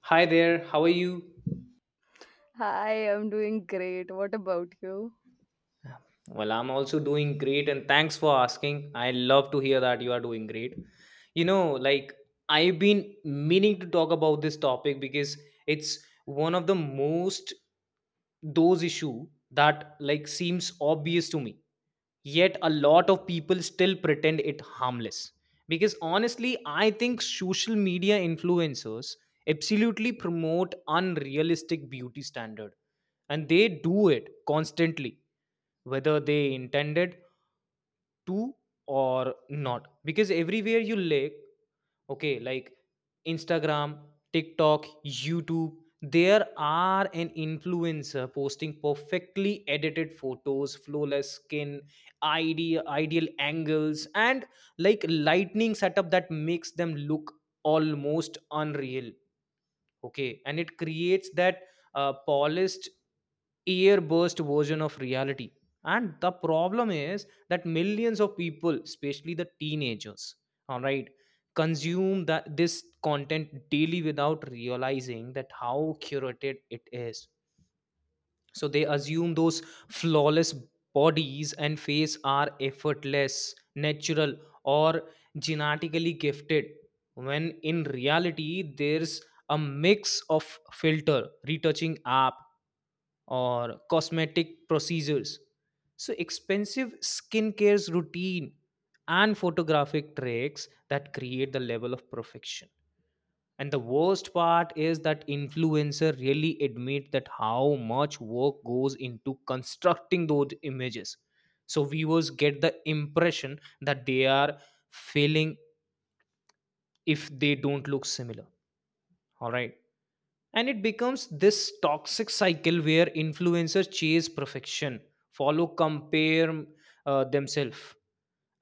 Hi there, how are you? Hi, I'm doing great. What about you? Well, I'm also doing great, and thanks for asking. I love to hear that you are doing great. Like, I've been meaning to talk about this topic because it's one of the most those issue that like seems obvious to me, yet a lot of people still pretend it harmless. Because honestly, I think social media influencers absolutely promote unrealistic beauty standard, and they do it constantly, whether they intended to or not, because everywhere you look, okay, like Instagram, TikTok, YouTube, there are an influencer posting perfectly edited photos, flawless skin, ideal angles, and like lightning setup that makes them look almost unreal. Okay, and it creates that polished ear burst version of reality. And the problem is that millions of people, especially the teenagers, all right, consume that this content daily without realizing that how curated it is. So they assume those flawless bodies and face are effortless, natural, or genetically gifted, when in reality there's a mix of filter, retouching app, or cosmetic procedures, so expensive skincare's routine, and photographic tricks that create the level of perfection. And the worst part is that influencer really admit that how much work goes into constructing those images. So viewers get the impression that they are failing if they don't look similar, all right, and it becomes this toxic cycle where influencers chase perfection, follow, compare themselves,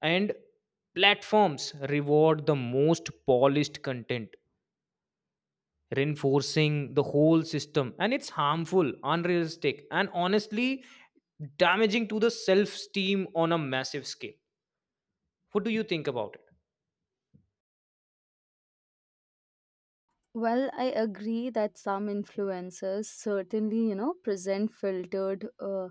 and platforms reward the most polished content, reinforcing the whole system, and it's harmful, unrealistic, and honestly damaging to the self esteem on a massive scale. What do you think about it? Well, I agree that some influencers certainly, you know, present filtered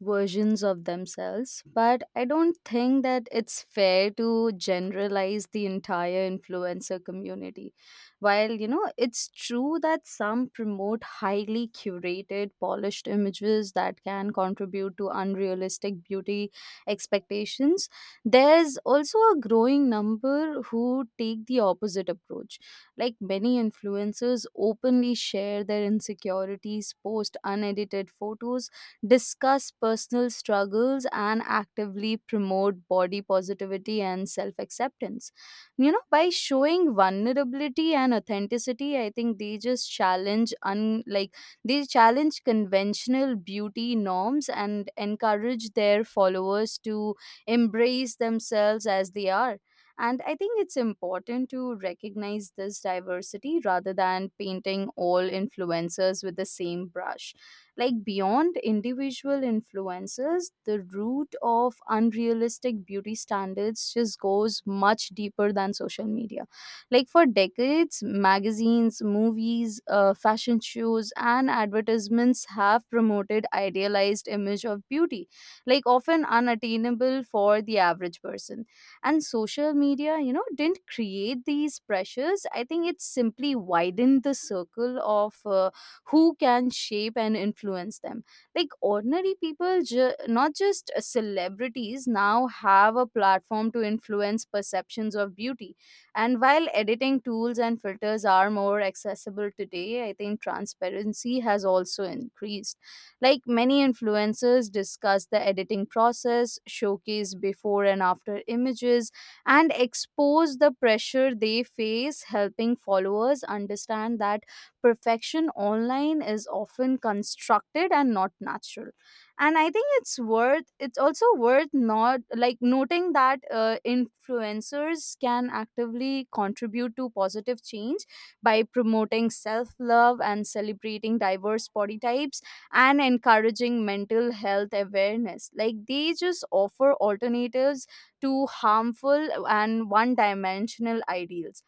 versions of themselves, but I don't think that it's fair to generalize the entire influencer community. While, you know, it's true that some promote highly curated, polished images that can contribute to unrealistic beauty expectations, there's also a growing number who take the opposite approach like many influencers openly share their insecurities, post unedited photos, discuss personal struggles, and actively promote body positivity and self acceptance. You know, by showing vulnerability and authenticity, I think they just challenge, they challenge conventional beauty norms and encourage their followers to embrace themselves as they are. And I think it's important to recognize this diversity rather than painting all influencers with the same brush. Like beyond individual influencers, the root of unrealistic beauty standards just goes much deeper than social media. Like for decades, magazines, movies, fashion shows, and advertisements have promoted idealized image of beauty, like often unattainable for the average person, and social media, you know, didn't create these pressures. I think it simply widened the circle of who can shape and influence them, like ordinary people, not just celebrities, now have a platform to influence perceptions of beauty. And while editing tools and filters are more accessible today, I think transparency has also increased. Like many influencers discuss the editing process, showcase before and after images, and expose the pressure they face, helping followers understand that perfection online is often constructed and not natural. And I think it's also worth not like noting that influencers can actively contribute to positive change by promoting self love and celebrating diverse body types and encouraging mental health awareness. Like they just offer alternatives to harmful and one dimensional ideals.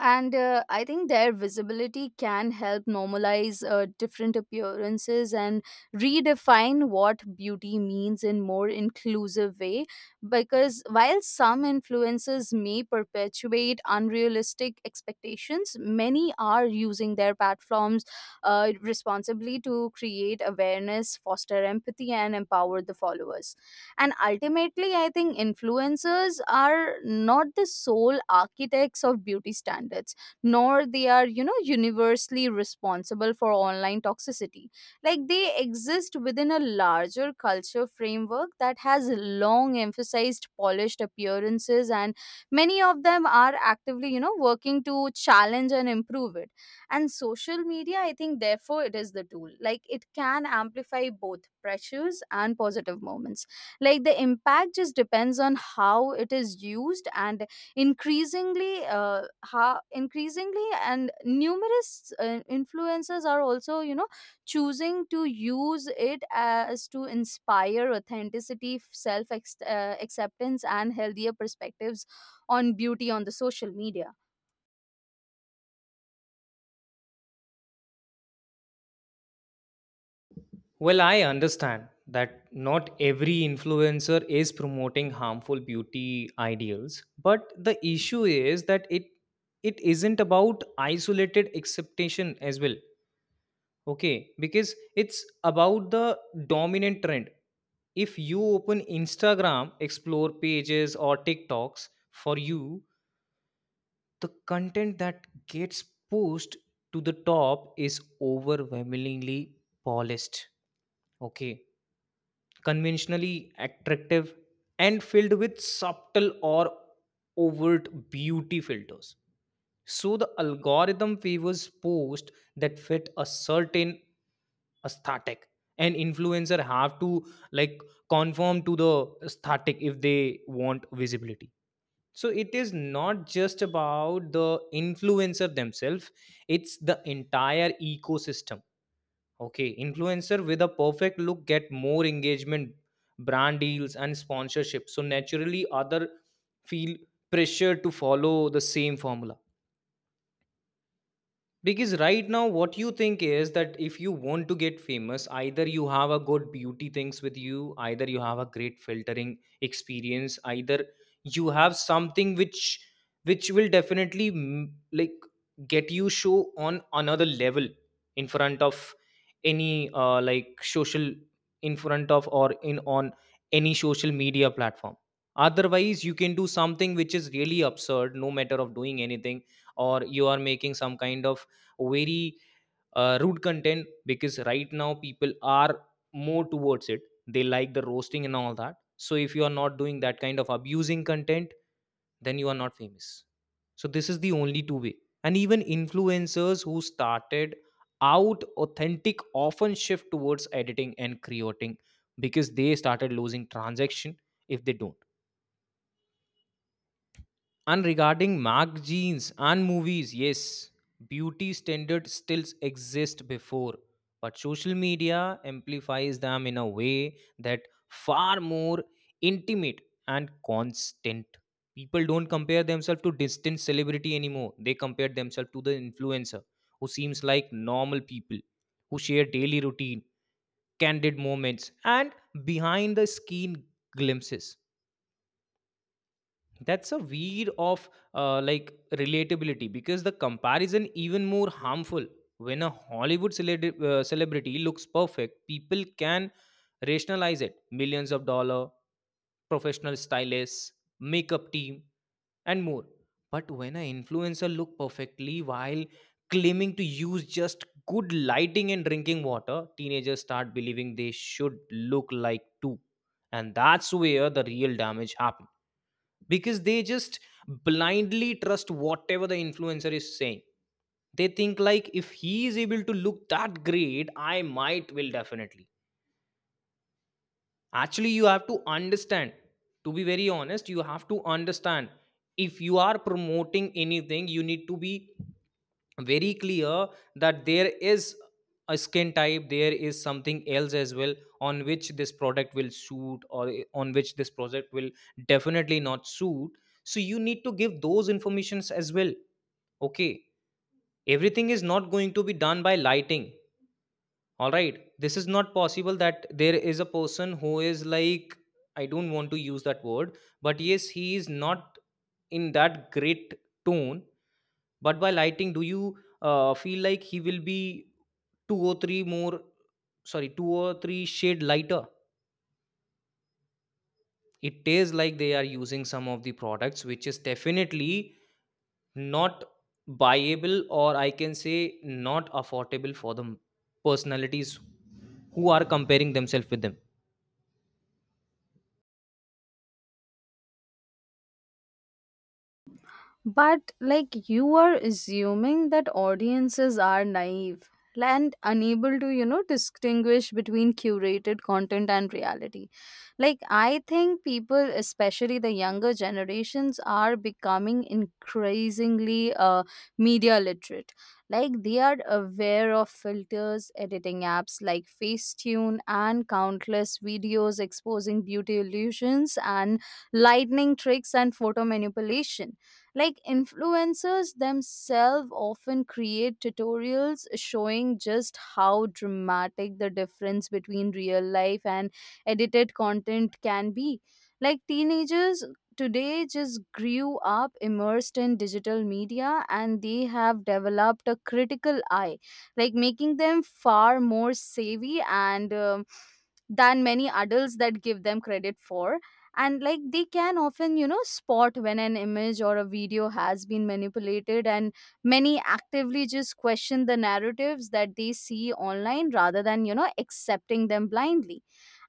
And I think their visibility can help normalize different appearances and redefine what beauty means in more inclusive way, because while some influencers may perpetuate unrealistic expectations, many are using their platforms responsibly to create awareness, foster empathy, and empower the followers. And ultimately, I think influencers are not the sole architects of beauty standards, nor they are, you know, universally responsible for online toxicity. Like they exist within a larger culture framework that has long emphasized polished appearances, and many of them are actively, you know, working to challenge and improve it. And social media, I think, therefore it is the tool. Like it can amplify both pressures and positive moments. Like the impact just depends on how it is used, and increasingly and numerous influencers are also, you know, choosing to use it as to inspire authenticity, acceptance, and healthier perspectives on beauty on the social media. Well, I understand that not every influencer is promoting harmful beauty ideals, but the issue is that it isn't about isolated acceptation as well. Okay, because it's about the dominant trend. If you open Instagram explore pages or TikToks for you, the content that gets pushed to the top is overwhelmingly polished. Okay, conventionally attractive and filled with subtle or overt beauty filters, so the algorithm favors posts that fit a certain aesthetic. And influencer have to like conform to the aesthetic if they want visibility. So it is not just about the influencer themselves, it's the entire ecosystem. Okay, influencer with a perfect look get more engagement, brand deals, and sponsorship. So naturally, other feel pressure to follow the same formula. Because right now, what you think is that if you want to get famous, either you have a good beauty things with you, either you have a great filtering experience, either you have something which will definitely like get you show on another level in front of any like social, in front of or in on any social media platform. Otherwise, you can do something which is really absurd, no matter of doing anything, or you are making some kind of very rude content, because right now people are more towards it, they like the roasting and all that. So if you are not doing that kind of abusing content, then you are not famous. So this is the only two way. And even influencers who started out authentic often shift towards editing and creating because they started losing transaction if they don't. And regarding magazines and movies, yes, beauty standards still exist before, but social media amplifies them in a way that far more intimate and constant. People don't compare themselves to distant celebrity anymore. They compare themselves to the influencer who seems like normal people, who share daily routine, candid moments, and behind the scene glimpses. That's a weed of like relatability, because the comparison even more harmful. When a hollywood celebrity looks perfect, people can rationalize it, millions of dollar, professional stylists, makeup team, and more. But when an influencer look perfectly while claiming to use just good lighting and drinking water, teenagers start believing they should look like too. And that's where the real damage happens, because they just blindly trust whatever the influencer is saying. They think like, if he is able to look that great, I might will definitely. Actually you have to understand, to be very honest, you have to understand, if you are promoting anything, you need to be very clear that there is a skin type, there is something else as well, on which this product will suit or on which this project will definitely not suit. So you need to give those informations as well. Okay, everything is not going to be done by lighting. All right, this is not possible that there is a person who is like, I don't want to use that word, but yes, he is not in that great tone. But by lighting, do you feel like he will be two or three more, sorry, two or three shade lighter? It is like they are using some of the products which is definitely not buyable, or I can say not affordable for the personalities who are comparing themselves with them. But like you are assuming that audiences are naive and unable to, you know, distinguish between curated content and reality. Like I think people, especially the younger generations, are becoming increasingly media literate. Like they are aware of filters, editing apps like Facetune, and countless videos exposing beauty illusions and lightning tricks and photo manipulation, like influencers themselves often create tutorials showing just how dramatic the difference between real life and edited content can be. Like teenagers today just grew up immersed in digital media, and they have developed a critical eye, like making them far more savvy and than many adults that give them credit for. And like they can often, you know, spot when an image or a video has been manipulated, and many actively just question the narratives that they see online rather than, you know, accepting them blindly.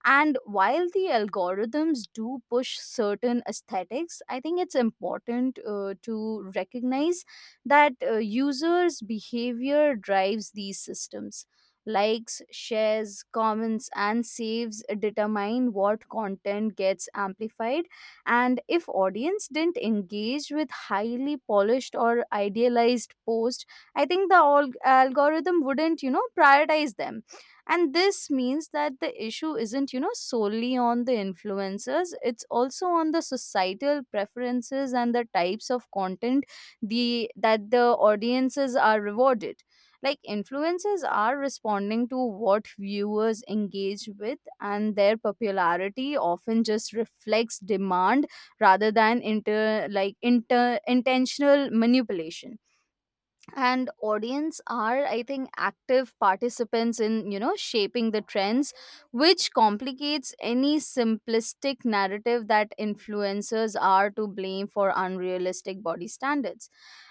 And while the algorithms do push certain aesthetics, I think it's important to recognize that users' behavior drives these systems. Likes, shares, comments, and saves determine what content gets amplified. And if audience didn't engage with highly polished or idealized post, I think the algorithm wouldn't, you know, prioritize them. And this means that the issue isn't, you know, solely on the influencers, it's also on the societal preferences and the types of content the that the audiences are rewarded. Like influencers are responding to what viewers engage with, and their popularity often just reflects demand rather than inter like inter intentional manipulation. And audience are, I think, active participants in, you know, shaping the trends, which complicates any simplistic narrative that influencers are to blame for unrealistic body standards.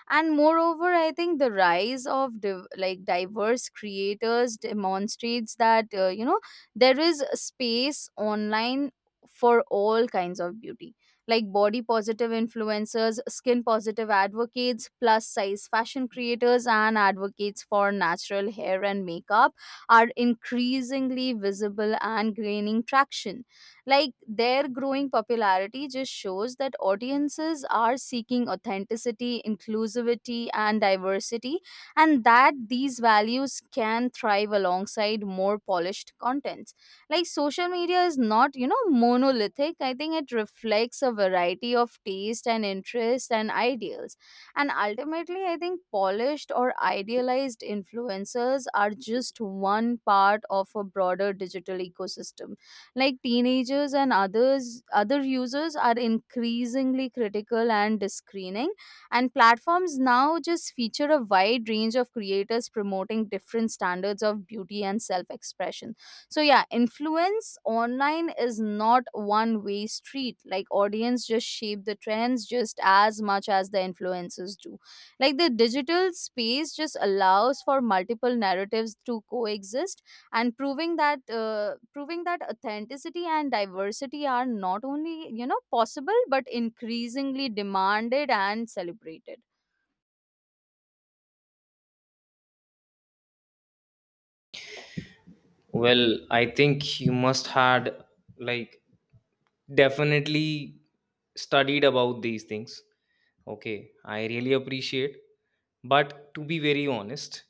And moreover, I think the rise of diverse creators demonstrates that, you know, there is a space online for all kinds of beauty, like body positive influencers, skin positive advocates, plus size fashion creators, and advocates for natural hair and makeup are increasingly visible and gaining traction. Like their growing popularity just shows that audiences are seeking authenticity, inclusivity, and diversity, and that these values can thrive alongside more polished contents. Like social media is not, you know, monolithic. I think it reflects a variety of taste and interest and ideals. And ultimately, I think polished or idealized influencers are just one part of a broader digital ecosystem, like teenagers and other users are increasingly critical and screening, and platforms now just feature a wide range of creators promoting different standards of beauty and self expression. So yeah, influence online is not one way street. Like audience just shape the trends just as much as the influencers do. Like the digital space just allows for multiple narratives to coexist, and proving that authenticity and diversity are not only, you know, possible but increasingly demanded and celebrated. Well, I think you must had like definitely studied about these things. Okay, I really appreciate. But to be very honest,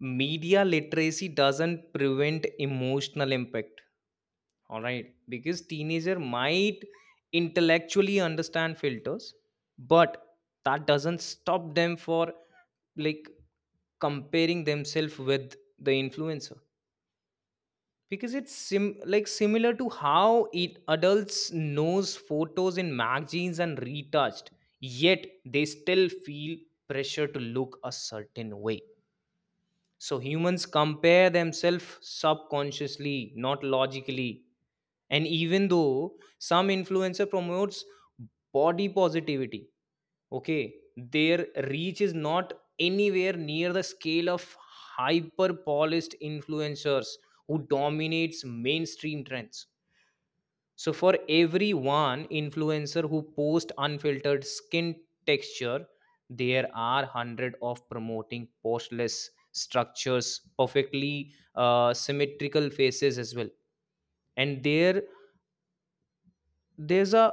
media literacy doesn't prevent emotional impact. All right, because teenager might intellectually understand filters, but that doesn't stop them for like comparing themselves with the influencer, because it's like similar to how it adults knows photos in magazines and retouched, yet they still feel pressure to look a certain way. So humans compare themselves subconsciously, not logically. And even though some influencer promotes body positivity, okay, their reach is not anywhere near the scale of hyper polished influencers who dominates mainstream trends. So for every one influencer who posts unfiltered skin texture, there are hundred of promoting postless structures, perfectly symmetrical faces as well. And their there's a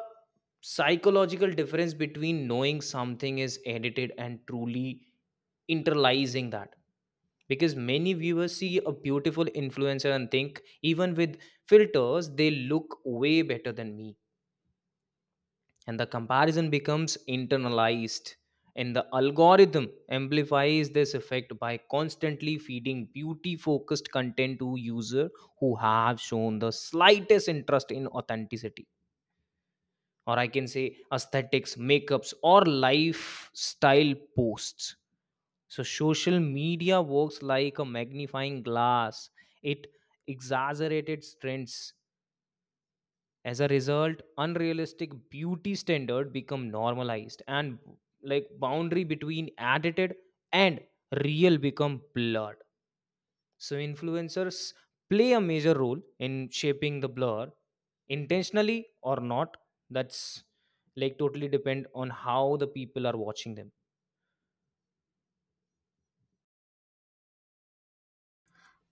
psychological difference between knowing something is edited and truly internalizing that, because many viewers see a beautiful influencer and think, even with filters, they look way better than me. And the comparison becomes internalized, and the algorithm amplifies this effect by constantly feeding beauty focused content to user who have shown the slightest interest in authenticity, or I can say aesthetics, makeups, or lifestyle posts. So, social media works like a magnifying glass, it exaggerated trends. As a result, unrealistic beauty standard become normalized, and like boundary between edited and real become blurred. So influencers play a major role in shaping the blur, intentionally or not. That's like totally depend on how the people are watching them.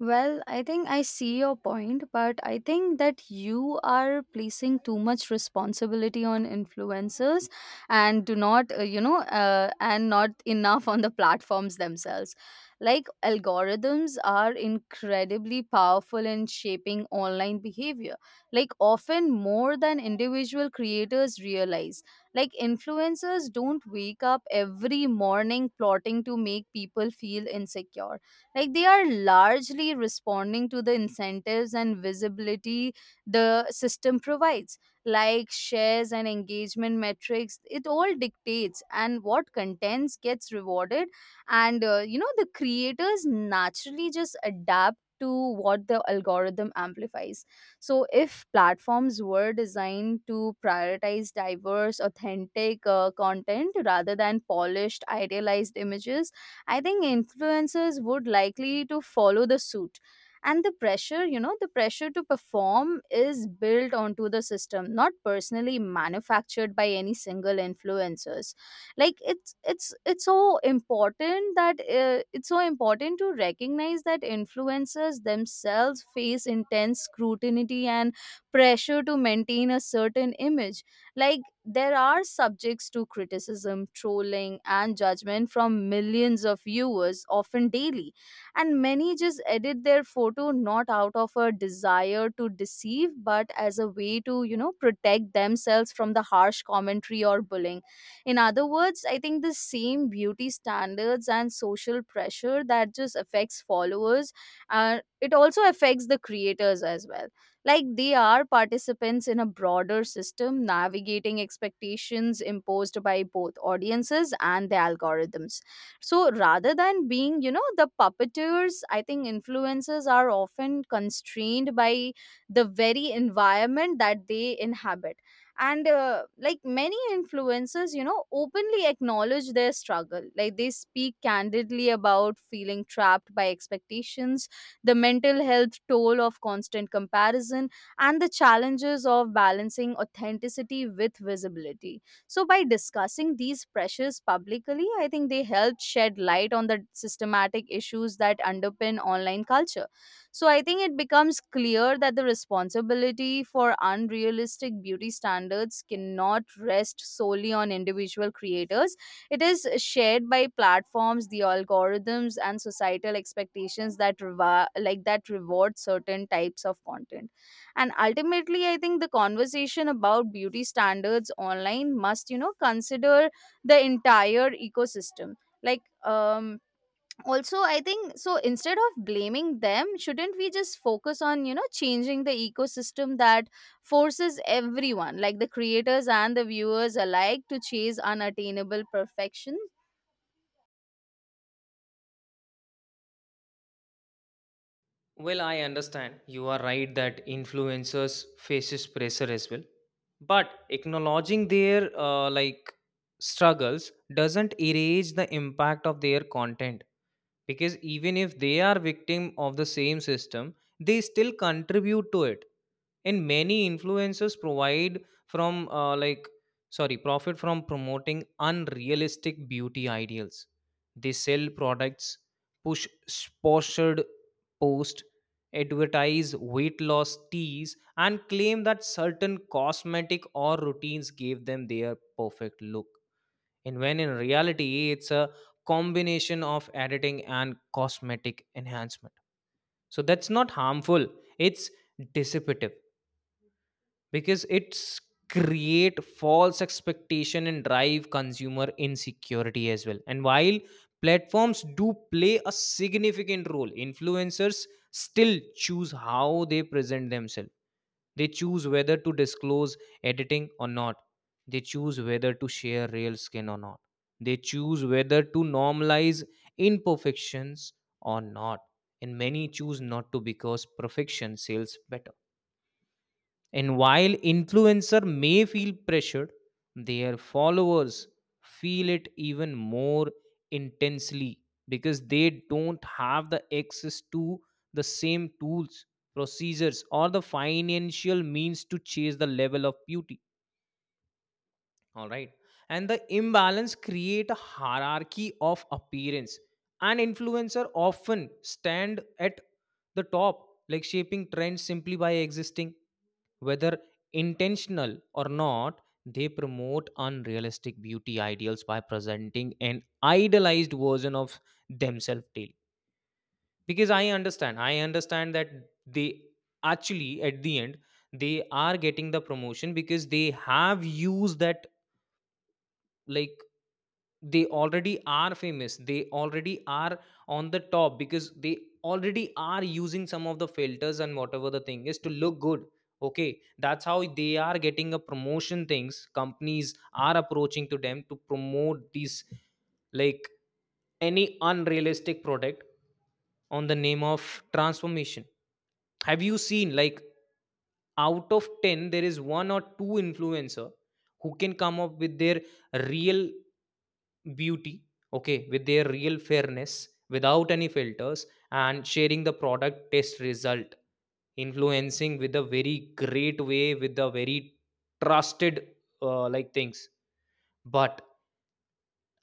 Well, I think I see your point, but I think that you are placing too much responsibility on influencers and do not, you know, and not enough on the platforms themselves. Like, algorithms are incredibly powerful in shaping online behavior, like, often more than individual creators realize. Like, influencers don't wake up every morning plotting to make people feel insecure, like they are largely responding to the incentives and visibility the system provides, like shares and engagement metrics it all dictates and what contents gets rewarded. And you know, the creators naturally just adapt to what the algorithm amplifies. So if platforms were designed to prioritize diverse authentic content rather than polished idealized images, I think influencers would likely to follow the suit. And the pressure, you know, the pressure to perform is built onto the system, not personally manufactured by any single influencers. Like it's so important to recognize that influencers themselves face intense scrutiny and pressure to maintain a certain image. Like there are subjects to criticism, trolling, and judgment from millions of viewers, often daily. And many just edit their photo not out of a desire to deceive, but as a way to, you know, protect themselves from the harsh commentary or bullying. In other words, I think the same beauty standards and social pressure that just affects followers, it also affects the creators as well, like they are participants in a broader system, navigating expectations imposed by both audiences and the algorithms. So rather than being, you know, the puppeteers, I think influencers are often constrained by the very environment that they inhabit. And like many influencers, you know, openly acknowledge their struggle, like they speak candidly about feeling trapped by expectations, the mental health toll of constant comparison, and the challenges of balancing authenticity with visibility. So, by discussing these pressures publicly, I think they help shed light on the systematic issues that underpin online culture. So, I think it becomes clear that the responsibility for unrealistic beauty standards cannot rest solely on individual creators, it is shared by platforms, the algorithms, and societal expectations that that reward certain types of content. And ultimately, I think the conversation about beauty standards online must, you know, consider the entire ecosystem. Like, also I think so instead of blaming them shouldn't we just focus on, you know, changing the ecosystem that forces everyone like the creators and the viewers alike to chase unattainable perfection. Well, I understand. You are right that influencers faces pressure as well. But acknowledging their struggles doesn't erase the impact of their content, because even if they are victim of the same system, they still contribute to it. And many influencers provide from sorry, profit from promoting unrealistic beauty ideals. They sell products, push sponsored posts, advertise weight loss teas, and claim that certain cosmetic or routines gave them their perfect look, and when in reality it's a combination of editing and cosmetic enhancement. So that's not harmful, it's dissipative, because it's create false expectation and drive consumer insecurity as well. And while platforms do play a significant role, influencers still choose how they present themselves. They choose whether to disclose editing or not, they choose whether to share real skin or not, they choose whether to normalize imperfections or not, and many choose not to, because perfection sells better. And while influencer may feel pressured, their followers feel it even more intensely, because they don't have the access to the same tools, procedures, or the financial means to chase the level of beauty. All right. And the imbalance create a hierarchy of appearance. An influencer often stand at the top, like shaping trends simply by existing. Whether intentional or not, they promote unrealistic beauty ideals by presenting an idealized version of themselves daily. Because I understand that they actually, at the end, they are getting the promotion because they have used that, like they already are famous, they already are on the top because they already are using some of the filters and whatever the thing is to look good. Okay, that's how they are getting a promotion. Things, companies are approaching to them to promote these, like any unrealistic product on the name of transformation. Have you seen, like, out of 10 there is one or two influencer who can come up with their real beauty? Okay, with their real fairness without any filters and sharing the product test result, influencing with a very great way, with a very trusted like things. But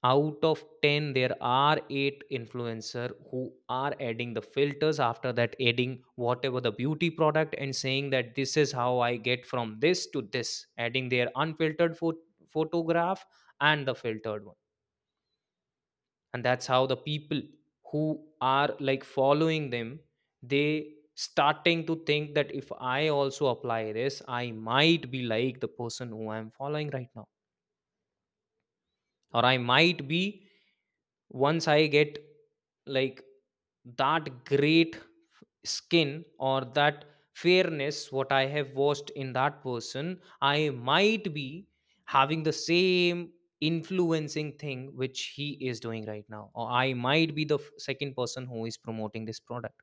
out of 10 there are 8 influencer who are adding the filters, after that adding whatever the beauty product, and saying that this is how I get from this to this, adding their photograph and the filtered one. And that's how the people who are, like, following them, they starting to think that if I also apply this, I might be like the person who I'm following right now, or I might be, once I get, like that great skin or that fairness what I have watched in that person, I might be having the same influencing thing which he is doing right now, or I might be the second person who is promoting this product.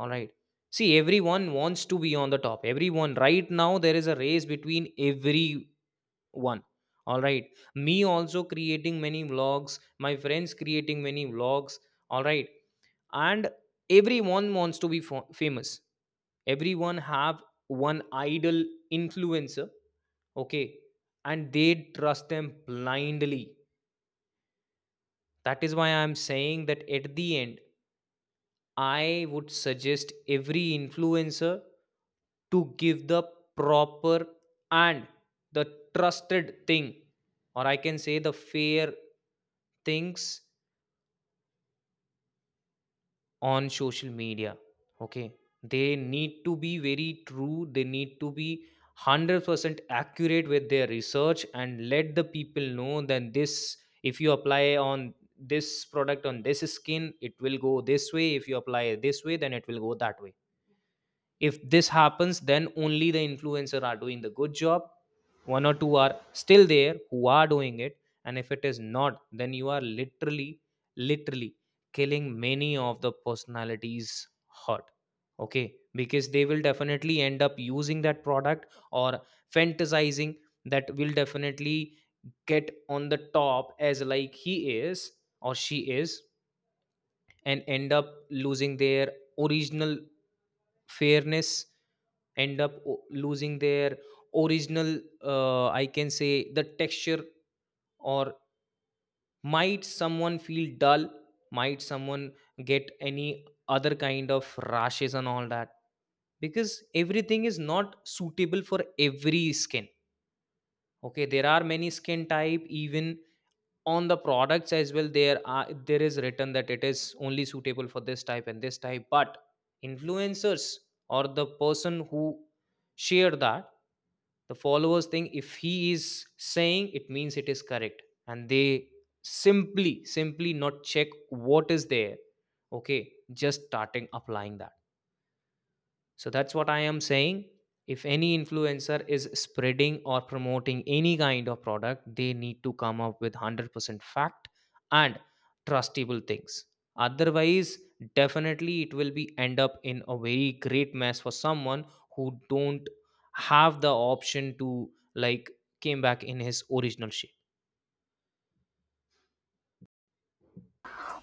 All right. See, everyone wants to be on the top. Everyone, right now, there is a race between every one. All right, me also creating many vlogs, my friends creating many vlogs. All right. And everyone wants to be famous. Everyone have one idol influencer. Okay. And they trust them blindly. That is why I am saying that at the end, I would suggest every influencer to give the proper and the trusted thing, or I can say the fair things on social media. Okay, they need to be very true, they need to be 100% accurate with their research, and let the people know that this, if you apply on this product on this skin, it will go this way; if you apply this way, then it will go that way. If this happens, then only the influencer are doing the good job. One or two are still there who are doing it. And if it is not, then you are literally killing many of the personalities hot. Okay, because they will definitely end up using that product or fantasizing that will definitely get on the top as like he is or she is, and end up losing their original fairness, end up losing their original, I can say, the texture, or might someone feel dull, might someone get any other kind of rashes and all that. Because everything is not suitable for every skin. Okay, there are many skin type. Even on the products as well, there is written that it is only suitable for this type and this type. But influencers or the person who share that, the followers think if he is saying it means it is correct, and they simply not check what is there. Okay, just starting applying that. So that's what I am saying. If any influencer is spreading or promoting any kind of product, they need to come up with 100% fact and trustable things. Otherwise, definitely it will be end up in a very great mess for someone who don't have the option to, like, came back in his original shape.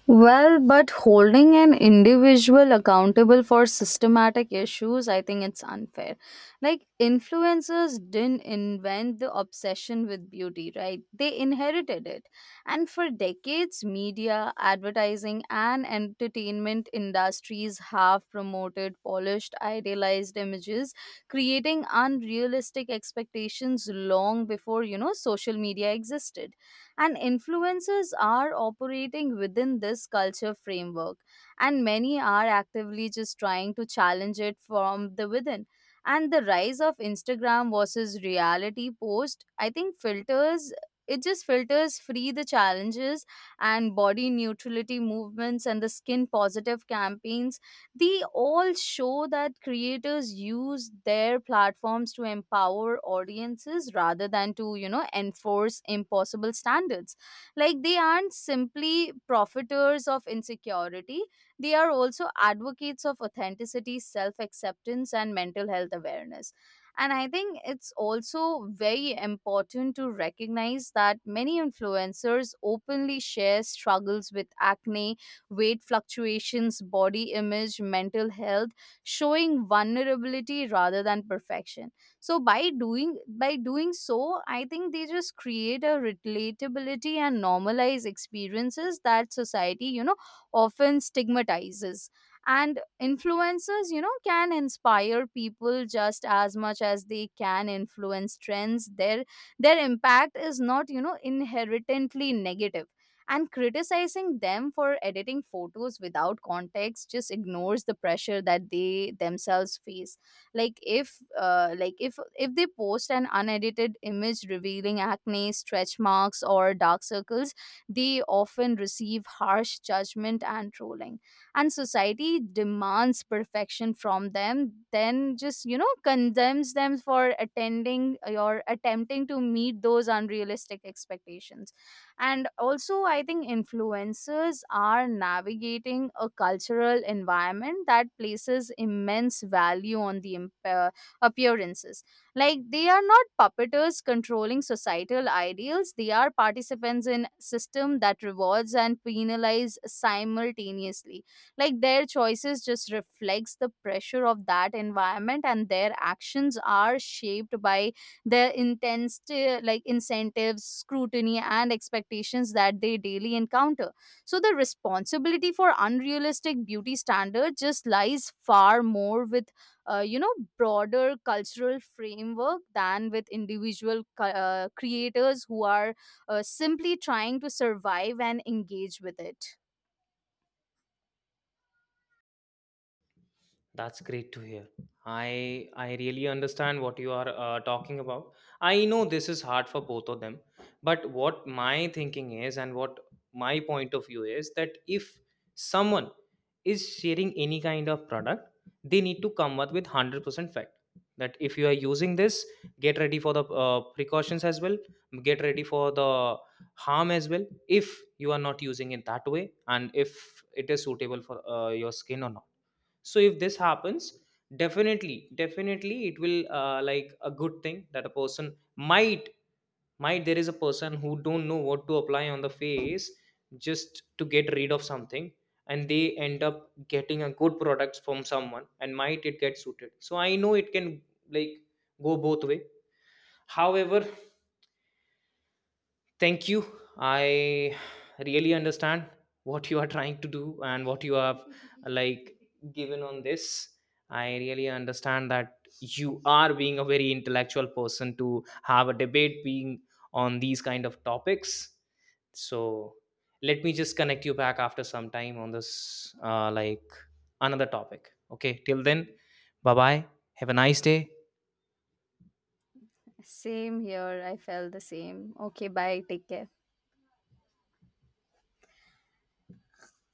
Well, but holding an individual accountable for systematic issues, I think it's unfair. Like, influencers didn't invent the obsession with beauty, right? They inherited it. And for decades, media, advertising, and entertainment industries have promoted polished, idealized images, creating unrealistic expectations long before, you know, social media existed, and influencers are operating within this culture framework, and many are actively just trying to challenge it from the within. And the rise of Instagram versus reality post, I think filters, it just filters free the challenges and body neutrality movements and the skin positive campaigns, they all show that creators use their platforms to empower audiences rather than to, you know, enforce impossible standards. Like they aren't simply profiteers of insecurity, they are also advocates of authenticity, self acceptance, and mental health awareness. And I think it's also very important to recognize that many influencers openly share struggles with acne, weight fluctuations, body image, mental health, showing vulnerability rather than perfection. So by doing so, I think they just create a relatability and normalize experiences that society, you know, often stigmatizes. And influencers, you know, can inspire people just as much as they can influence trends. Their impact is not, you know, inherently negative, and criticizing them for editing photos without context just ignores the pressure that they themselves face. Like if like if they post an unedited image revealing acne, stretch marks, or dark circles, they often receive harsh judgment and trolling, and society demands perfection from them then just, you know, condemns them for attending or attempting to meet those unrealistic expectations. And also I think influencers are navigating a cultural environment that places immense value on the appearances. Like they are not puppeteers controlling societal ideals, they are participants in system that rewards and penalize simultaneously. Like their choices just reflects the pressure of that environment, and their actions are shaped by their intense incentives, scrutiny, and expectations that they daily encounter. So the responsibility for unrealistic beauty standards just lies far more with you know, broader cultural framework than with individual creators who are simply trying to survive and engage with it. That's great to hear. I really understand what you are talking about. I know this is hard for both of them, but what my thinking is and what my point of view is that if someone is sharing any kind of product, they need to come up with 100% fact that if you are using this, get ready for the precautions as well, get ready for the harm as well if you are not using it that way and if it is suitable for your skin or not. So if this happens, definitely it will, like, a good thing that a person might, there is a person who don't know what to apply on the face just to get rid of something, and they end up getting a good product from someone and might it get suited. So I know it can, like, go both way. However, thank you. I really understand what you are trying to do and what you have like given on this. I really understand that you are being a very intellectual person to have a debate being on these kind of topics. So let me just connect you back after some time on this, like, another topic. Okay, till then, bye bye. Have a nice day. Same here. I felt the same. Okay, bye. Take care.